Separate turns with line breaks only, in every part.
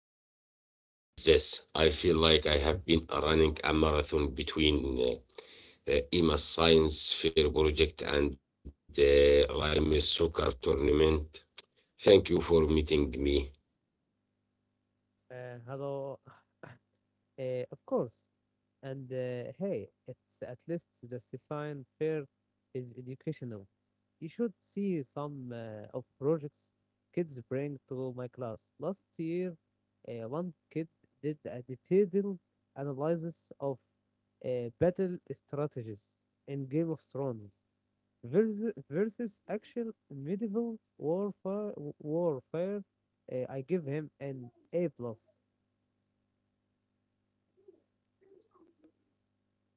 we finally did this. I feel like I have been running a marathon between EMA's Science Fair project and the Lime's soccer tournament. Thank you for meeting me.
Hello. Of course. And hey, it's at least the science fair is educational. You should see some of projects kids bring to my class. Last year, one kid did a detailed analysis of battle strategies in Game of Thrones versus actual medieval warfare. Warfare I give him an A plus.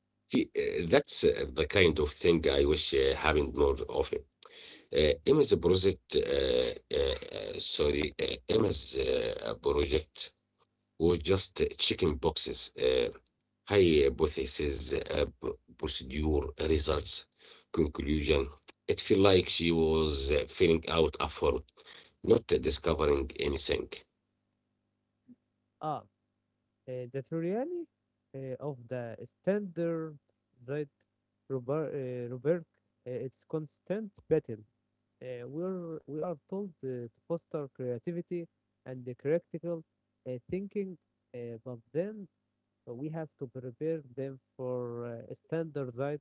See, that's the kind of thing I wish happened more often. EMA's project, sorry, EMA's project was just checking boxes. Hypothesis, procedure, results, conclusion. It felt like she was filling out a form, not discovering anything.
Ah, that really of the standard that Robert, its constant battle. We are told to foster creativity and the critical thinking, but then we have to prepare them for standardized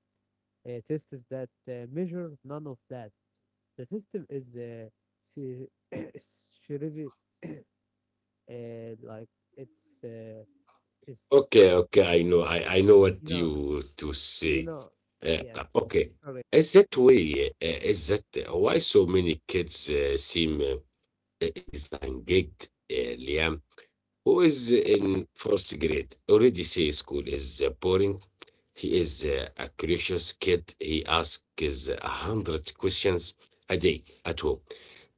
tests that measure none of that. The system is se- like it's is
Okay, okay, I know, I know what
you know
you to
You
say.
know,
Uh,
yes,
okay,
sorry.
is that way? Is that why so many kids seem disengaged? Liam, who is in first grade, already say school is boring. He is a curious kid. He asks 100 questions a day at home.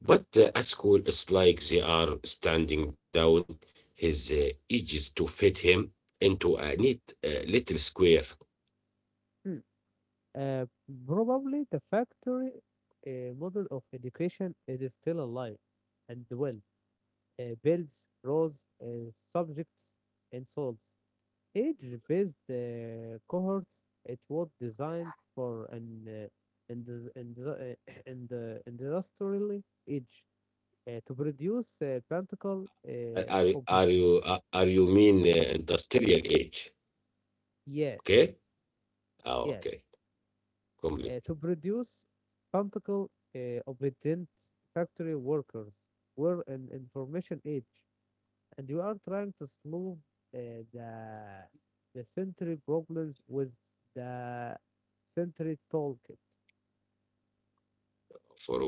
But at school, it's like they are standing down his edges to fit him into a neat little square.
Hmm. Uh, Probably the factory model of education is still alive and well. Builds, rows, subjects, and souls. Age-based cohorts. It was designed for an and and and industrially age to produce practical
Are, are are you uh, are you mean industrial age?
yes,
Okay. Oh,
yes,
okay. Complete.
to produce practical obedient factory workers. We're in information age, and we are trying to solve uh, the the century problems with the century toolkit.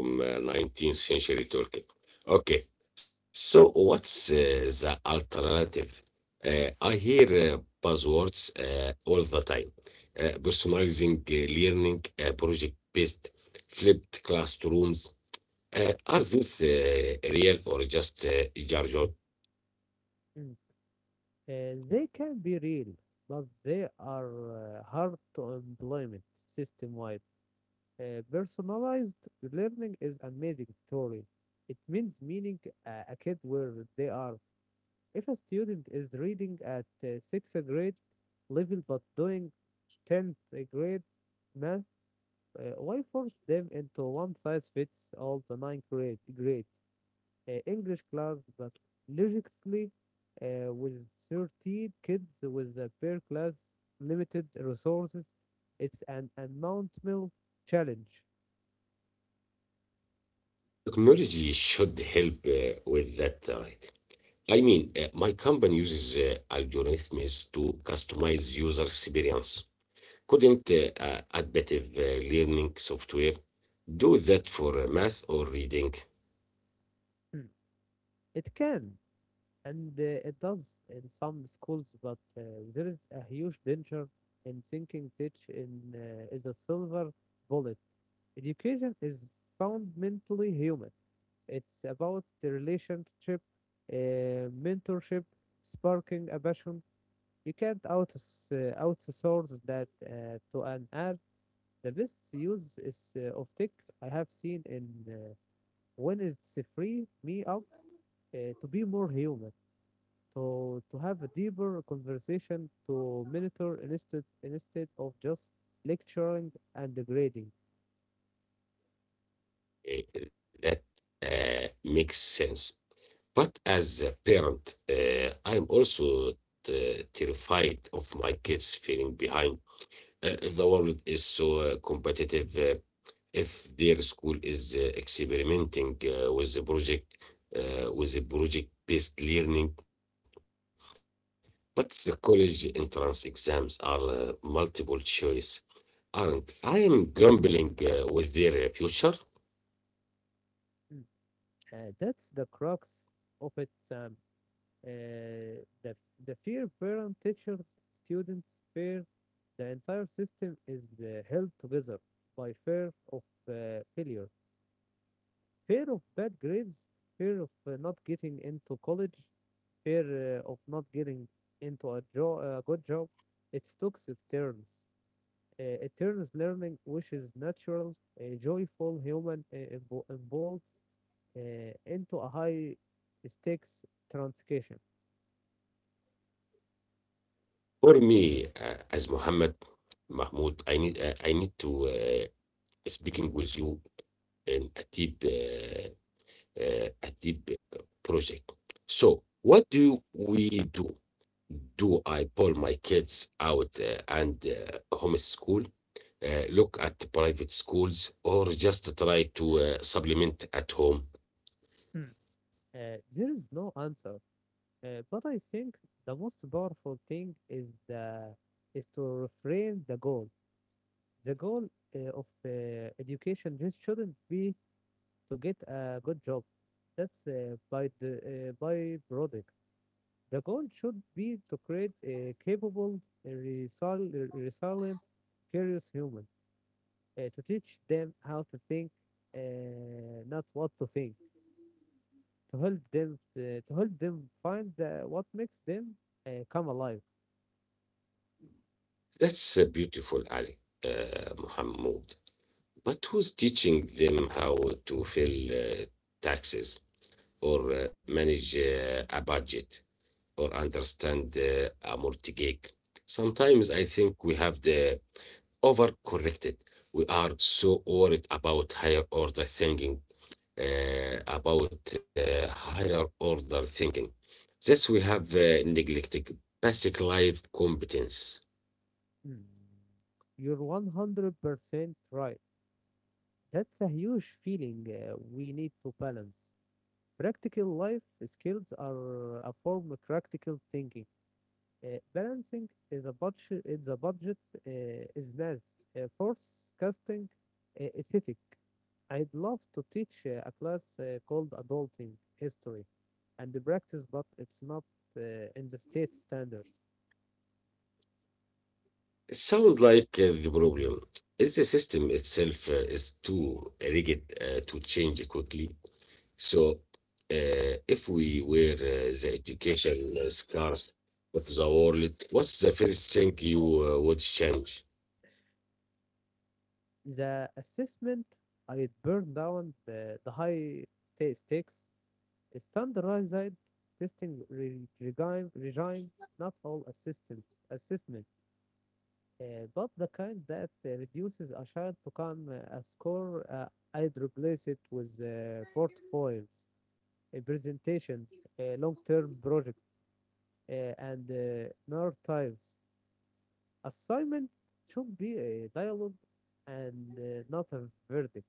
From 19th century Turkey. Okay, so what's the alternative? I hear buzzwords all the time. Personalizing learning, project-based, flipped classrooms. Are these real or just jargon?
Mm. They can be real, but they are hard to implement system-wide. Personalized learning is an amazing story. It means meaning a kid where they are. If a student is reading at sixth grade level but doing 10th grade math, why force them into one size fits all the nine grade, grades? English class, but logically, with 30 kids with a per class limited resources, it's an unmountable challenge.
Technology should help with that, right? I mean, my company uses algorithms to customize user experience. Couldn't adaptive learning software do that for math or reading?
Hmm. It can, and it does in some schools, but there is a huge danger in thinking teach in is a silver bullet. Education is fundamentally human. It's about the relationship, mentorship, sparking a passion. You can't outsource that to an app. The best use is of tech I have seen in when it's free me up to be more human to have a deeper conversation to monitor instead of just lecturing and grading.
That makes sense. But as a parent, I am also terrified of my kids feeling behind. The world is so competitive. If their school is experimenting with the project, with the project-based learning, but the college entrance exams are multiple choice. Anand, I am gambling with their future.
Mm. That's the crux of it, Sam. Uh, the the fear parent, teachers, students fear the entire system is held together by fear of failure, fear of bad grades, fear of not getting into college, fear of not getting into a, a good job. It's toxic turns. It turns learning, which is natural, joyful, human, involved, into a high stakes transaction.
For me, as Muhammad Mahmoud, I need to speaking with you in a deep project. So, what do we do? Do I pull my kids out and homeschool? Look at private schools or just try to supplement at home.
Hmm. There is no answer, but I think the most powerful thing is the is to reframe the goal. The goal of education just shouldn't be to get a good job. That's by the by product. The goal should be to create a capable, resilient, curious human, to teach them how to think, not what to think, to help them to help them find what makes them come alive.
That's beautiful, Ali Muhammad. But who's teaching them how to file taxes or manage a budget or understand a mortgage? Sometimes I think we have the overcorrected. We are so worried about higher order thinking, about higher order thinking. Thus, we have neglected basic life competence.
Mm. You're 100% right. That's a huge feeling we need to balance. Practical life skills are a form of practical thinking. Balancing is a budget is a budget is math forecasting ethic. I'd love to teach a class called adulting history and the practice, but it's not uh, in the state standards.
It sounds like the problem is the system itself is too rigid to change quickly. So, if we were the education scars of the world, what's the first thing you would change?
The assessment. I burned down the high stakes standardized testing regime. Not all assistant assessment. But the kind that reduces a child to come a score, I'd replace it with portfolios, presentations, long-term projects, and narratives. Assignment should be a dialogue and not a verdict.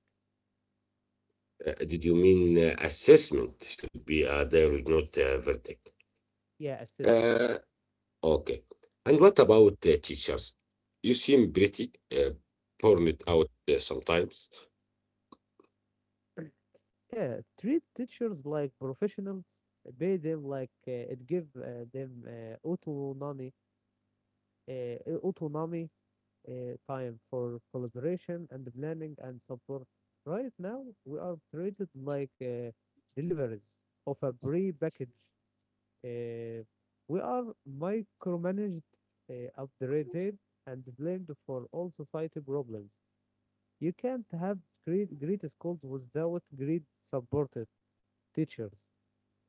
Did you mean assessment should be a dialogue, not a verdict?
Yeah, assessment.
Uh, okay. And what about teachers? You seem pretty burned out sometimes.
Yeah, treat teachers like professionals, pay them like it give them autonomy, uh, time for collaboration and planning and support. Right now, we are treated like deliveries of a pre-package. Uh, we are micromanaged, uh, updated, and blamed for all society problems. You can't have great schools without great supported teachers.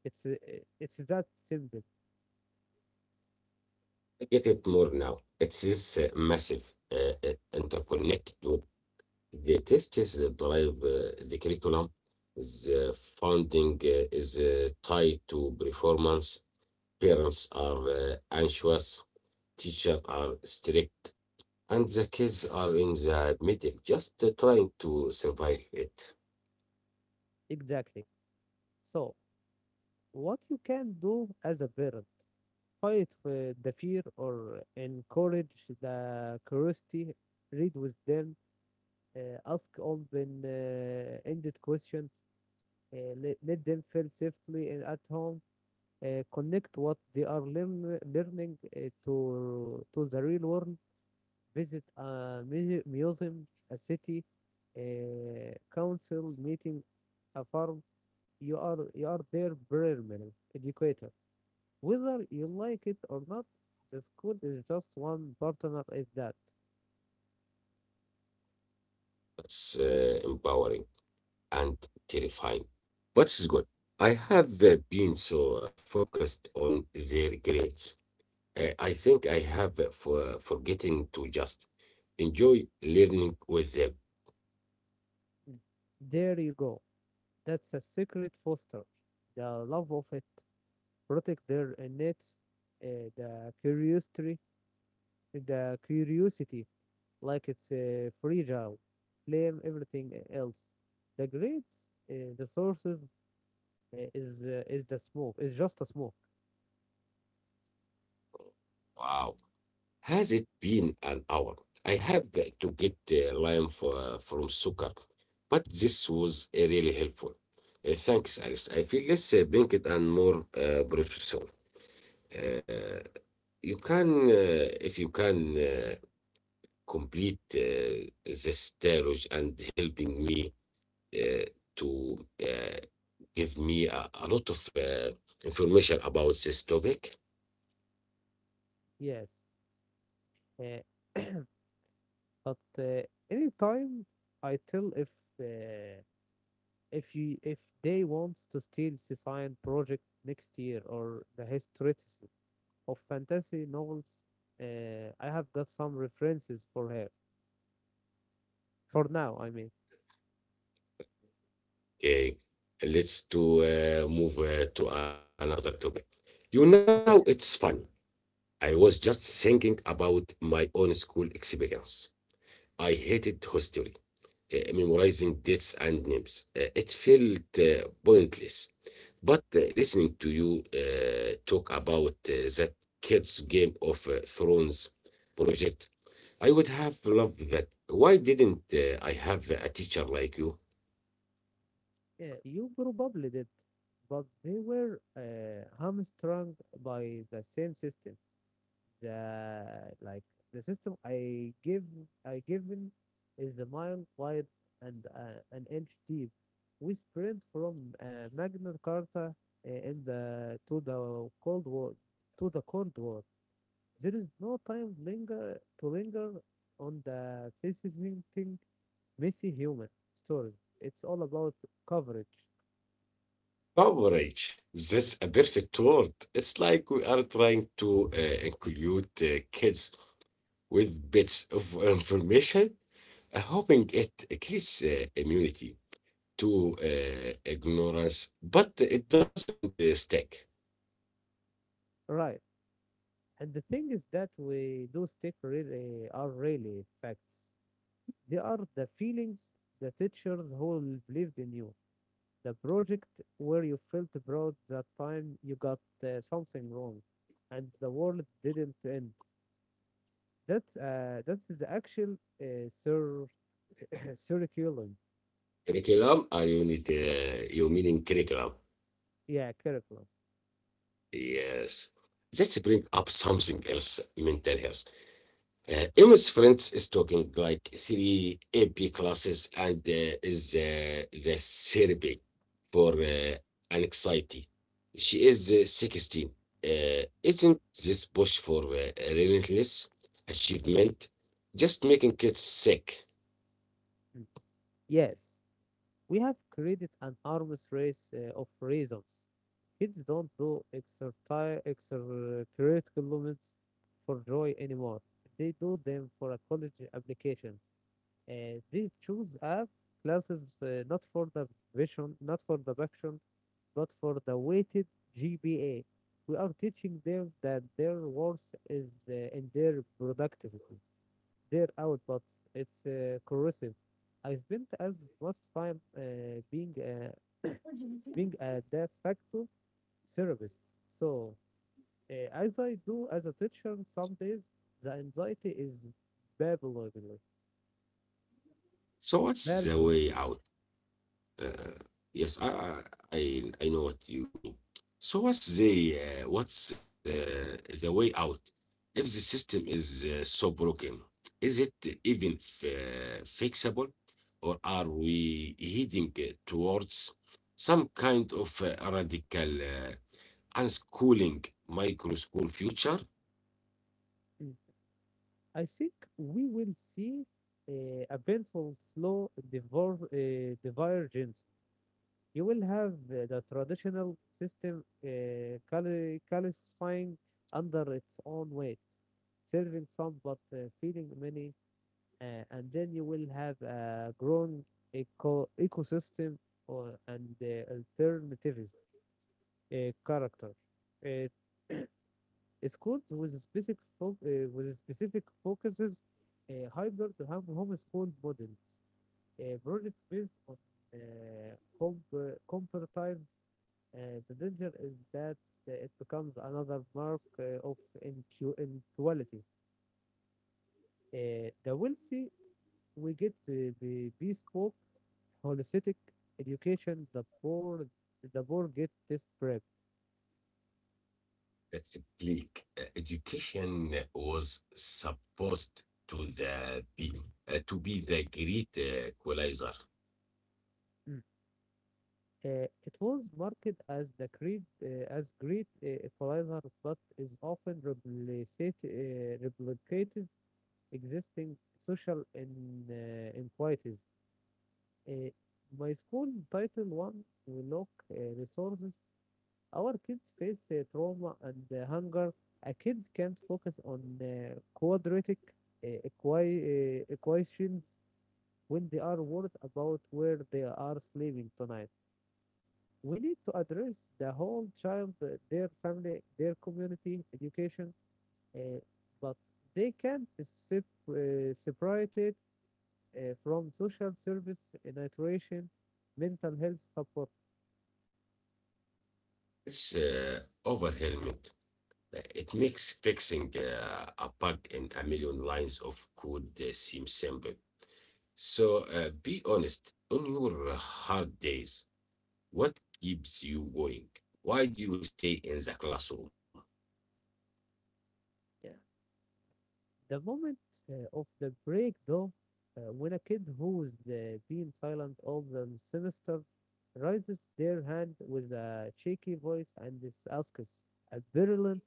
It's uh, it's that simple.
I get it more now. It is massive, uh, interconnected with the tests that drive the curriculum. The funding is tied to performance. Parents are anxious, teachers are strict, and the kids are in the middle, just trying to survive it.
Exactly. So, what you can do as a parent fight for the fear or encourage the curiosity. Read with them. Ask open-ended questions. Let them feel safely and at home. Connect what they are learning to the real world. Visit a museum, a city, a council meeting, a farm. You are there permanent educator. Whether you like it or not, the school is just one partner in that.
That's empowering and terrifying. But it's good. I have been so focused on their grades. I think I have forgetting to just enjoy learning with them.
Mm. There you go. That's a secret foster. The love of it. Protect their innate uh, the curiosity the curiosity like it's fragile. Blame everything else. The grades, the sources is the smoke. It's just a smoke.
Wow, has it been an hour? I have to get lime from soccer, but this was really helpful. Thanks, Alice. I feel less banked and more professional. Uh, you can, if you can. Complete this dialogue and helping me uh, to give me a lot of information about this topic.
Yes. Uh, but anytime I tell uh, if you if they want to steal the science project next year or the history of fantasy novels I have got some references for her for now I mean.
Okay, let's to move to another topic. You know, it's
Okay.
funny. I was just thinking about my own school experience. I hated history, memorizing dates and names. It felt pointless. But listening to you talk about that kids' Game of Thrones project, I would have loved that. Why didn't I have a teacher like you?
Yeah, you probably did, but they were hamstrung by the same system, the like the system I given is a mile wide and an inch deep. We sprint from Magna Carta in the to the Cold War. There is no time linger to linger on the fascinating messy human stories. It's all about coverage,
Coverage. That's a perfect word. It's like we are trying to include kids with bits of information, hoping it creates immunity to ignorance, but it doesn't stick.
right? And the thing is that we do stick really are really facts. They are the feelings, the teachers who believed in you, the project where you felt proud, that time you got something wrong, and the world didn't end. That's the actual curriculum.
Curriculum, are you need you meaning curriculum?
Yeah, curriculum.
Yes. Let's bring up something else, mental health. Emma's friends is talking like three AP classes and is the therapy for anxiety. She is 16. Isn't this push for relentless achievement just making kids sick?
Mm. Yes, we have created an arms race of reasons. Kids don't do exercise extracurriculars for joy anymore. They do them for a college application. They choose up classes not for the vision, not for the background, but for the weighted GPA. We are teaching them that their worth is in their productivity, their outputs. It's corrosive. I spent as much time being uh, being a de facto therapist. So as I do as a teacher, some days the anxiety is palpable,
So what's the
palpable.
way out? Uh, yes, I know what you mean. So what's the way out? If the system is so broken, is it even fixable, or are we heading towards some kind of radical unschooling micro school future?
I think we will see a painful, slow divor divergence. You will have the traditional system calcifying under its own weight, serving some but feeding many, and then you will have a growing ecosystem or, and alternative character. Uh, Schools with a specific focuses, hybrid to have homeschool models, project based on comparatives. The danger is that it becomes another mark of inequality. The wealthy we get the bespoke, holistic education. The poor get test prep.
That's bleak. Education was supposed to the be to be the great equalizer.
Mm. It was marketed as the great equalizer, but is often replicated existing social inequalities. Uh, my school title one, we lack resources. Our kids face trauma and hunger. A kids can't focus on quadratic equations when they are worried about where they are sleeping tonight. We need to address the whole child, their family, their community, education, uh, but they can't sep- separate it from social service, nutrition, mental health support.
It's overwhelming. It makes fixing a bug in a million lines of code seem simple. So be honest, on your hard days, what keeps you going? Why do you stay in the classroom?
Yeah. The moment of the break, though, when a kid who's been silent all the semester raises their hand with a shaky voice and is asks a virulent,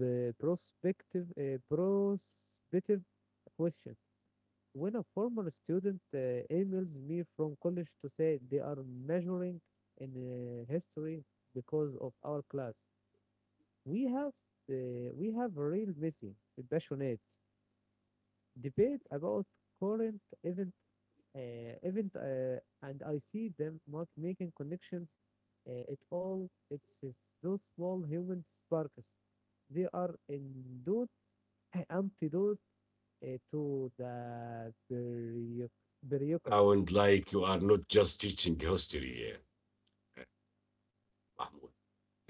prospective question. When a former student emails me from college to say they are measuring in history because of our class, we have uh, we have a real Messi, passionate, debate about current event event and I see them not making connections at all. It's those small human sparks. They are indeed antidote uh, to the bureaucracy.
Sound like you are not just teaching history, uh, uh, Mahmoud.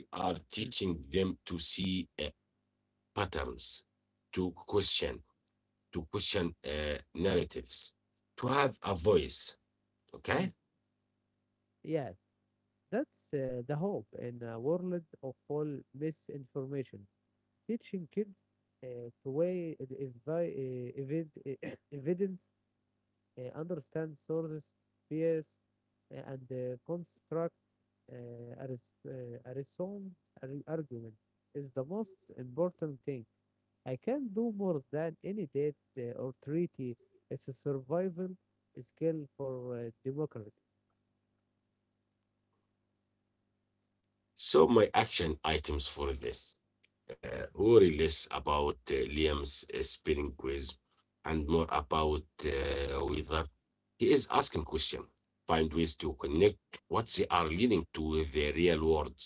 You are
Mm,
teaching them to see patterns, to question, to question narratives, to have a voice.
mm.
Okay?
Yes, that's the hope in a world of all misinformation. Teaching kids to weigh the evidence understand source space, and construct uh, a reason, argument is the most important thing. I can do more than any date or treaty. It's a survival skill for democracy.
So my action items for this: worry less about Liam's spinning quiz and more about whether he is asking questions. Find ways to connect what they are leading to with the real world.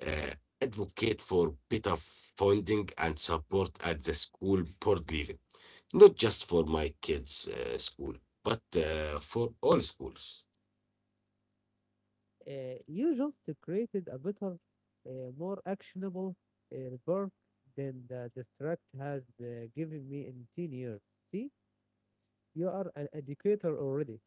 Uh, Advocate for better funding and support at the school board level, not just for my kids' school, but for all schools.
You just created a better, more actionable report than the district has given me in 10 years. See, you are an educator already.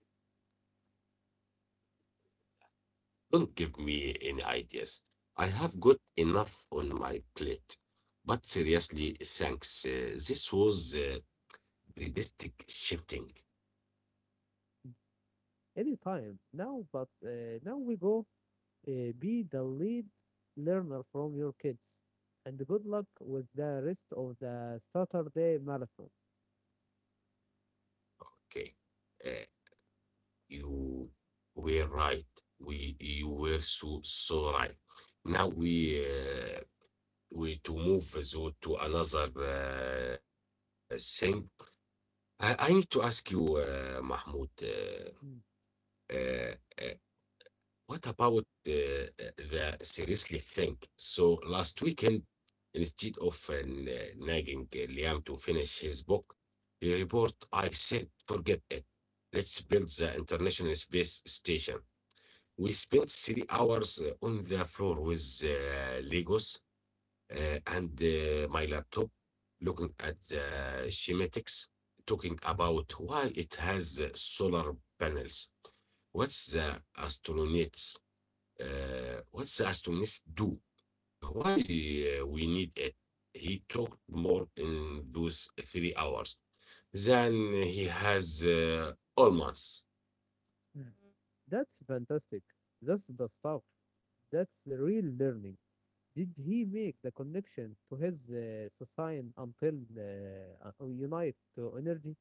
Don't give me any ideas. I have got enough on my plate. But seriously, thanks. This was realistic shifting.
Anytime now. But now we go. Be the lead learner from your kids, and good luck with the rest of the Saturday marathon.
Okay. Uh, you were right. We You were so right. Now
Mm,
we to move so to another thing. I need to ask you, Mahmoud.
mm,
Uh, uh, What about the seriously thing? So last weekend, instead of nagging Liam to finish his book report, I said, forget it. Let's build the International Space Station. We spent 3 hours on the floor with Legos and my laptop, looking at the schematics, talking about why it has solar panels. What's the astronaut's What's Astonis do? Why we need it? He talked more in those 3 hours than he has all months.
mm. That's fantastic. That's the stuff. That's the real learning. Did he make the connection to his society until unite to energy?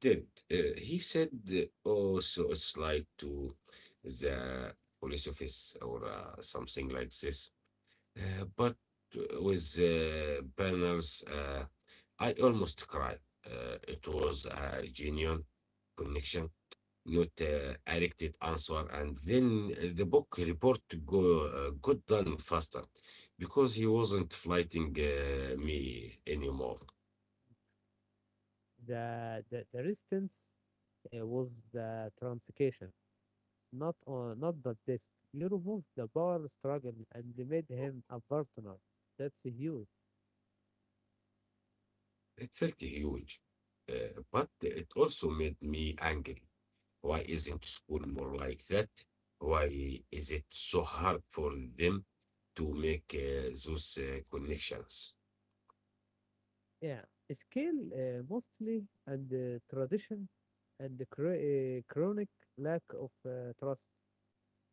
He did. He said, "Oh, so it's like to the police office or something like this." But with banners, I almost cried. It was a genuine connection, not corrected answer, and then the book report got done faster because he wasn't fighting me anymore.
The resistance was the transition. Not the disc. You removed the power struggle and made him a partner. That's huge.
It felt huge, but it also made me angry. Why isn't school more like that? Why is it so hard for them to make those connections?
Yeah, skill mostly and tradition and the chronic lack of trust.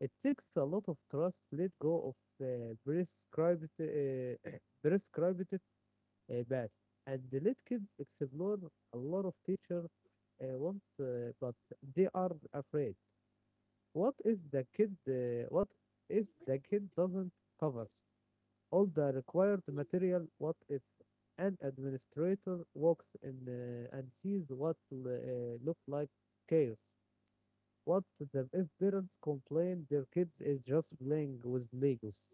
It takes a lot of trust to let go of prescribed prescribed path and let kids explore a lot of teacher want, but they are afraid. What if the kid what if the kid doesn't cover all the required material? What if an administrator walks in and sees what look like chaos? What if parents complain their kids is just playing with Legos?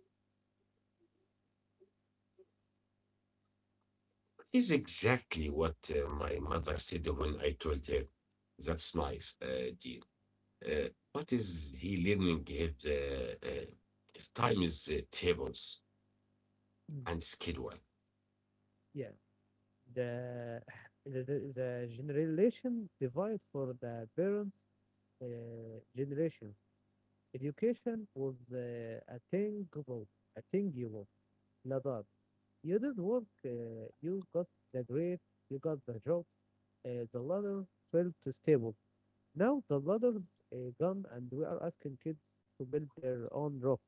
Is exactly what my mother said when I told her. That's nice, dear. Uh, what is he learning his time is tables and schedule.
Mm, Yeah, the the generation divide for the parents uh, generation. Education was attainable thing, Nadar, you did work, you got the grade, you got the job, the ladder felt stable. Now the ladder's gone and we are asking kids to build their own rock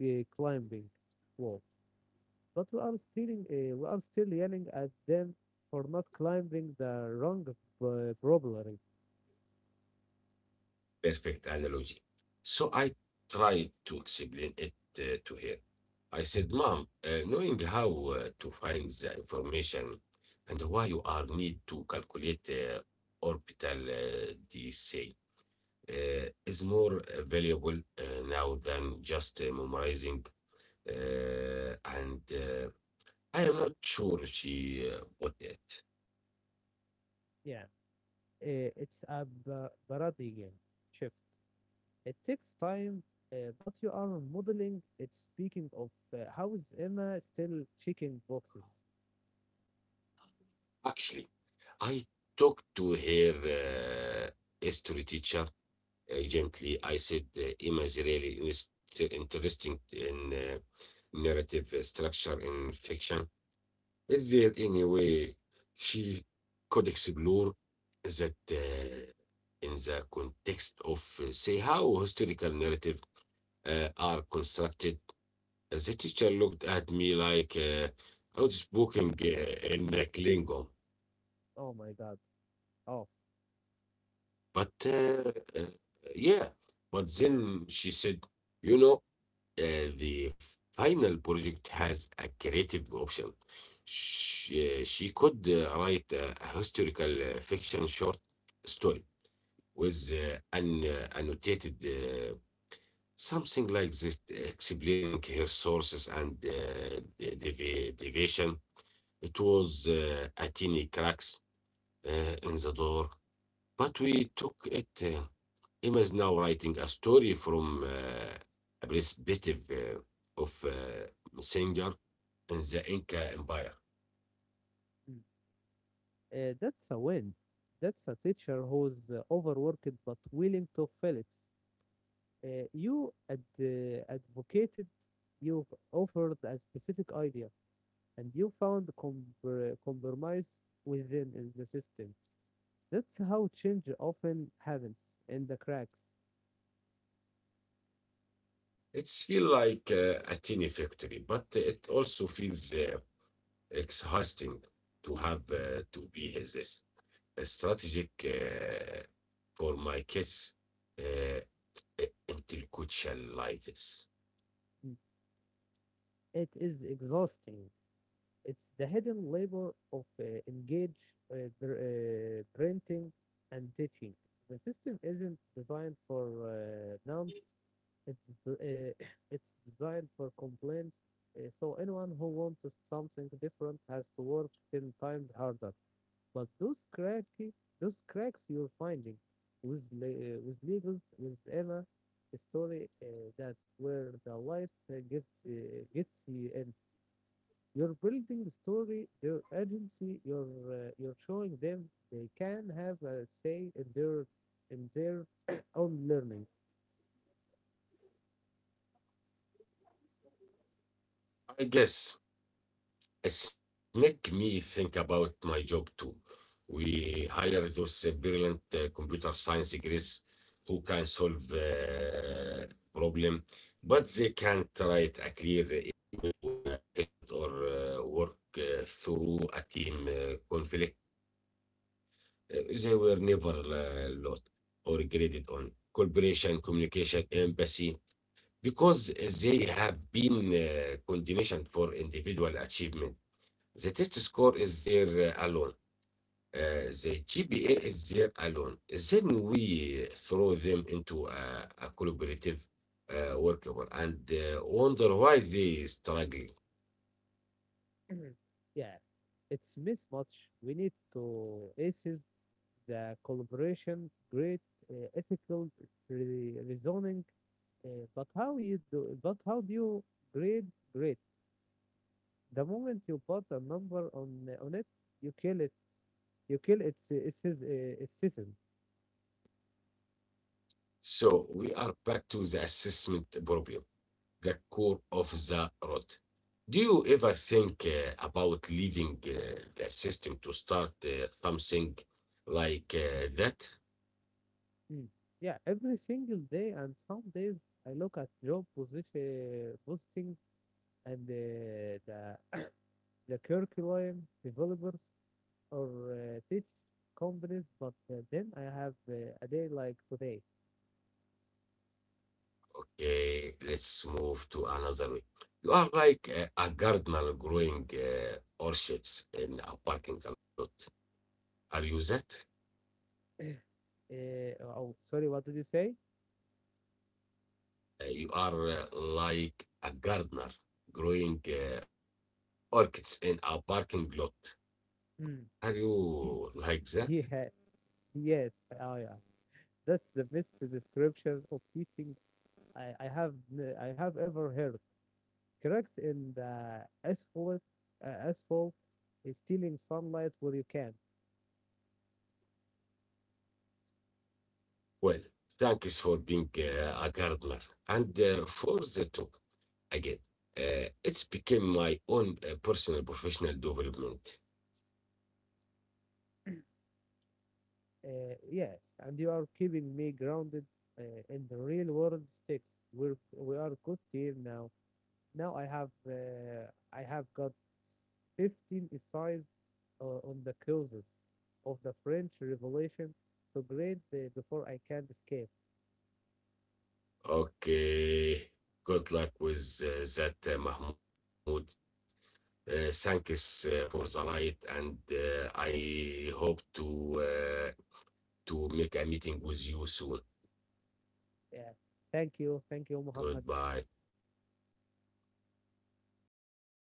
uh, climbing wall. But we are still yelling at them for not climbing the wrong probably.
Perfect analogy. So I tried to explain it to her. I said, Mom, knowing how to find the information and why you are need to calculate orbital DSA is more valuable now than just memorizing, and I am not sure she bought it.
Yeah, it's a parody game. Shift. It takes time, but you are modeling it. Speaking of, how is Emma still checking boxes?
Actually, I talked to her history teacher gently. I said, Emma is really interesting in narrative structure in fiction. Is there any way she could explore that in the context of, say, how historical narrative are constructed? The teacher looked at me like I was speaking in a Klingon.
Oh my God. Oh.
But uh, yeah, but then she said, you know, the final project has a creative option. She could write a historical fiction short story with an annotated something like this, explaining her sources and the deviation. It was a teeny cracks in the door, but we took it. Emma is now writing a story from a perspective of messenger in the Inca Empire.
Mm. That's a win. That's a teacher who's overworked but willing to fill it. You ad- advocated, you offered a specific idea, and you found compromise within in the system. That's how change often happens in the cracks.
It's feel like a teeny victory, but it also feels exhausting to have to be his this strategic for my kids' uh, intellectual lives.
Hmm. It is exhausting. It's the hidden labor of engage, uh, printing, and teaching. The system isn't designed for numbs. It's it's designed for complaints. So anyone who wants something different has to work ten times harder. But those cracks you're finding with with legals with Emma, a story that where the light gets you in. You're building the story, your agency. You're showing them they can have a say in their own learning.
I guess it's make me think about my job too. We hire those brilliant computer science degrees who can solve problem, but they can't write a clear email to a client or work through a team conflict. Uh, they were never lot or graded on cooperation, communication, empathy, because they have been conditioned for individual achievement. The test score is there alone. The GPA is there alone. Then we throw them into a collaborative workable and wonder why they struggling.
Yeah, it's mismatch. We need to aces the collaboration, great ethical reasoning. But how you do? But how do you grade great? The moment you put a number on it. You kill its season.
So we are back to the assessment problem, the core of the rot. Do you ever think about leaving the system to start something like that?
Mm. Yeah, every single day, and some days I look at job position posting and the curriculum developers or teach companies, but then I have a day like today.
Okay, let's move to another way. You are like a gardener growing orchids in a parking lot. Are you that?
Oh, sorry, what did you say?
You are like a gardener growing orchids in a parking lot.
Mm.
Are you like that?
Yeah, yes, oh yeah, that's the best description of teaching I have I have ever heard. Cracks in the asphalt, uh, asphalt, is stealing sunlight where you can.
Well, thanks for being a gardener. And for the talk, again, it's became my own personal professional development.
Yes, and you are keeping me grounded in the real world sticks. We are good team now. Now I have got 15 essays on the causes of the French Revolution to grade before I can escape.
Okay. Good luck with that, Mahmoud. Thanks for the night, and I hope to make a meeting with you soon.
Yeah. Thank you, Muhammad.
Goodbye.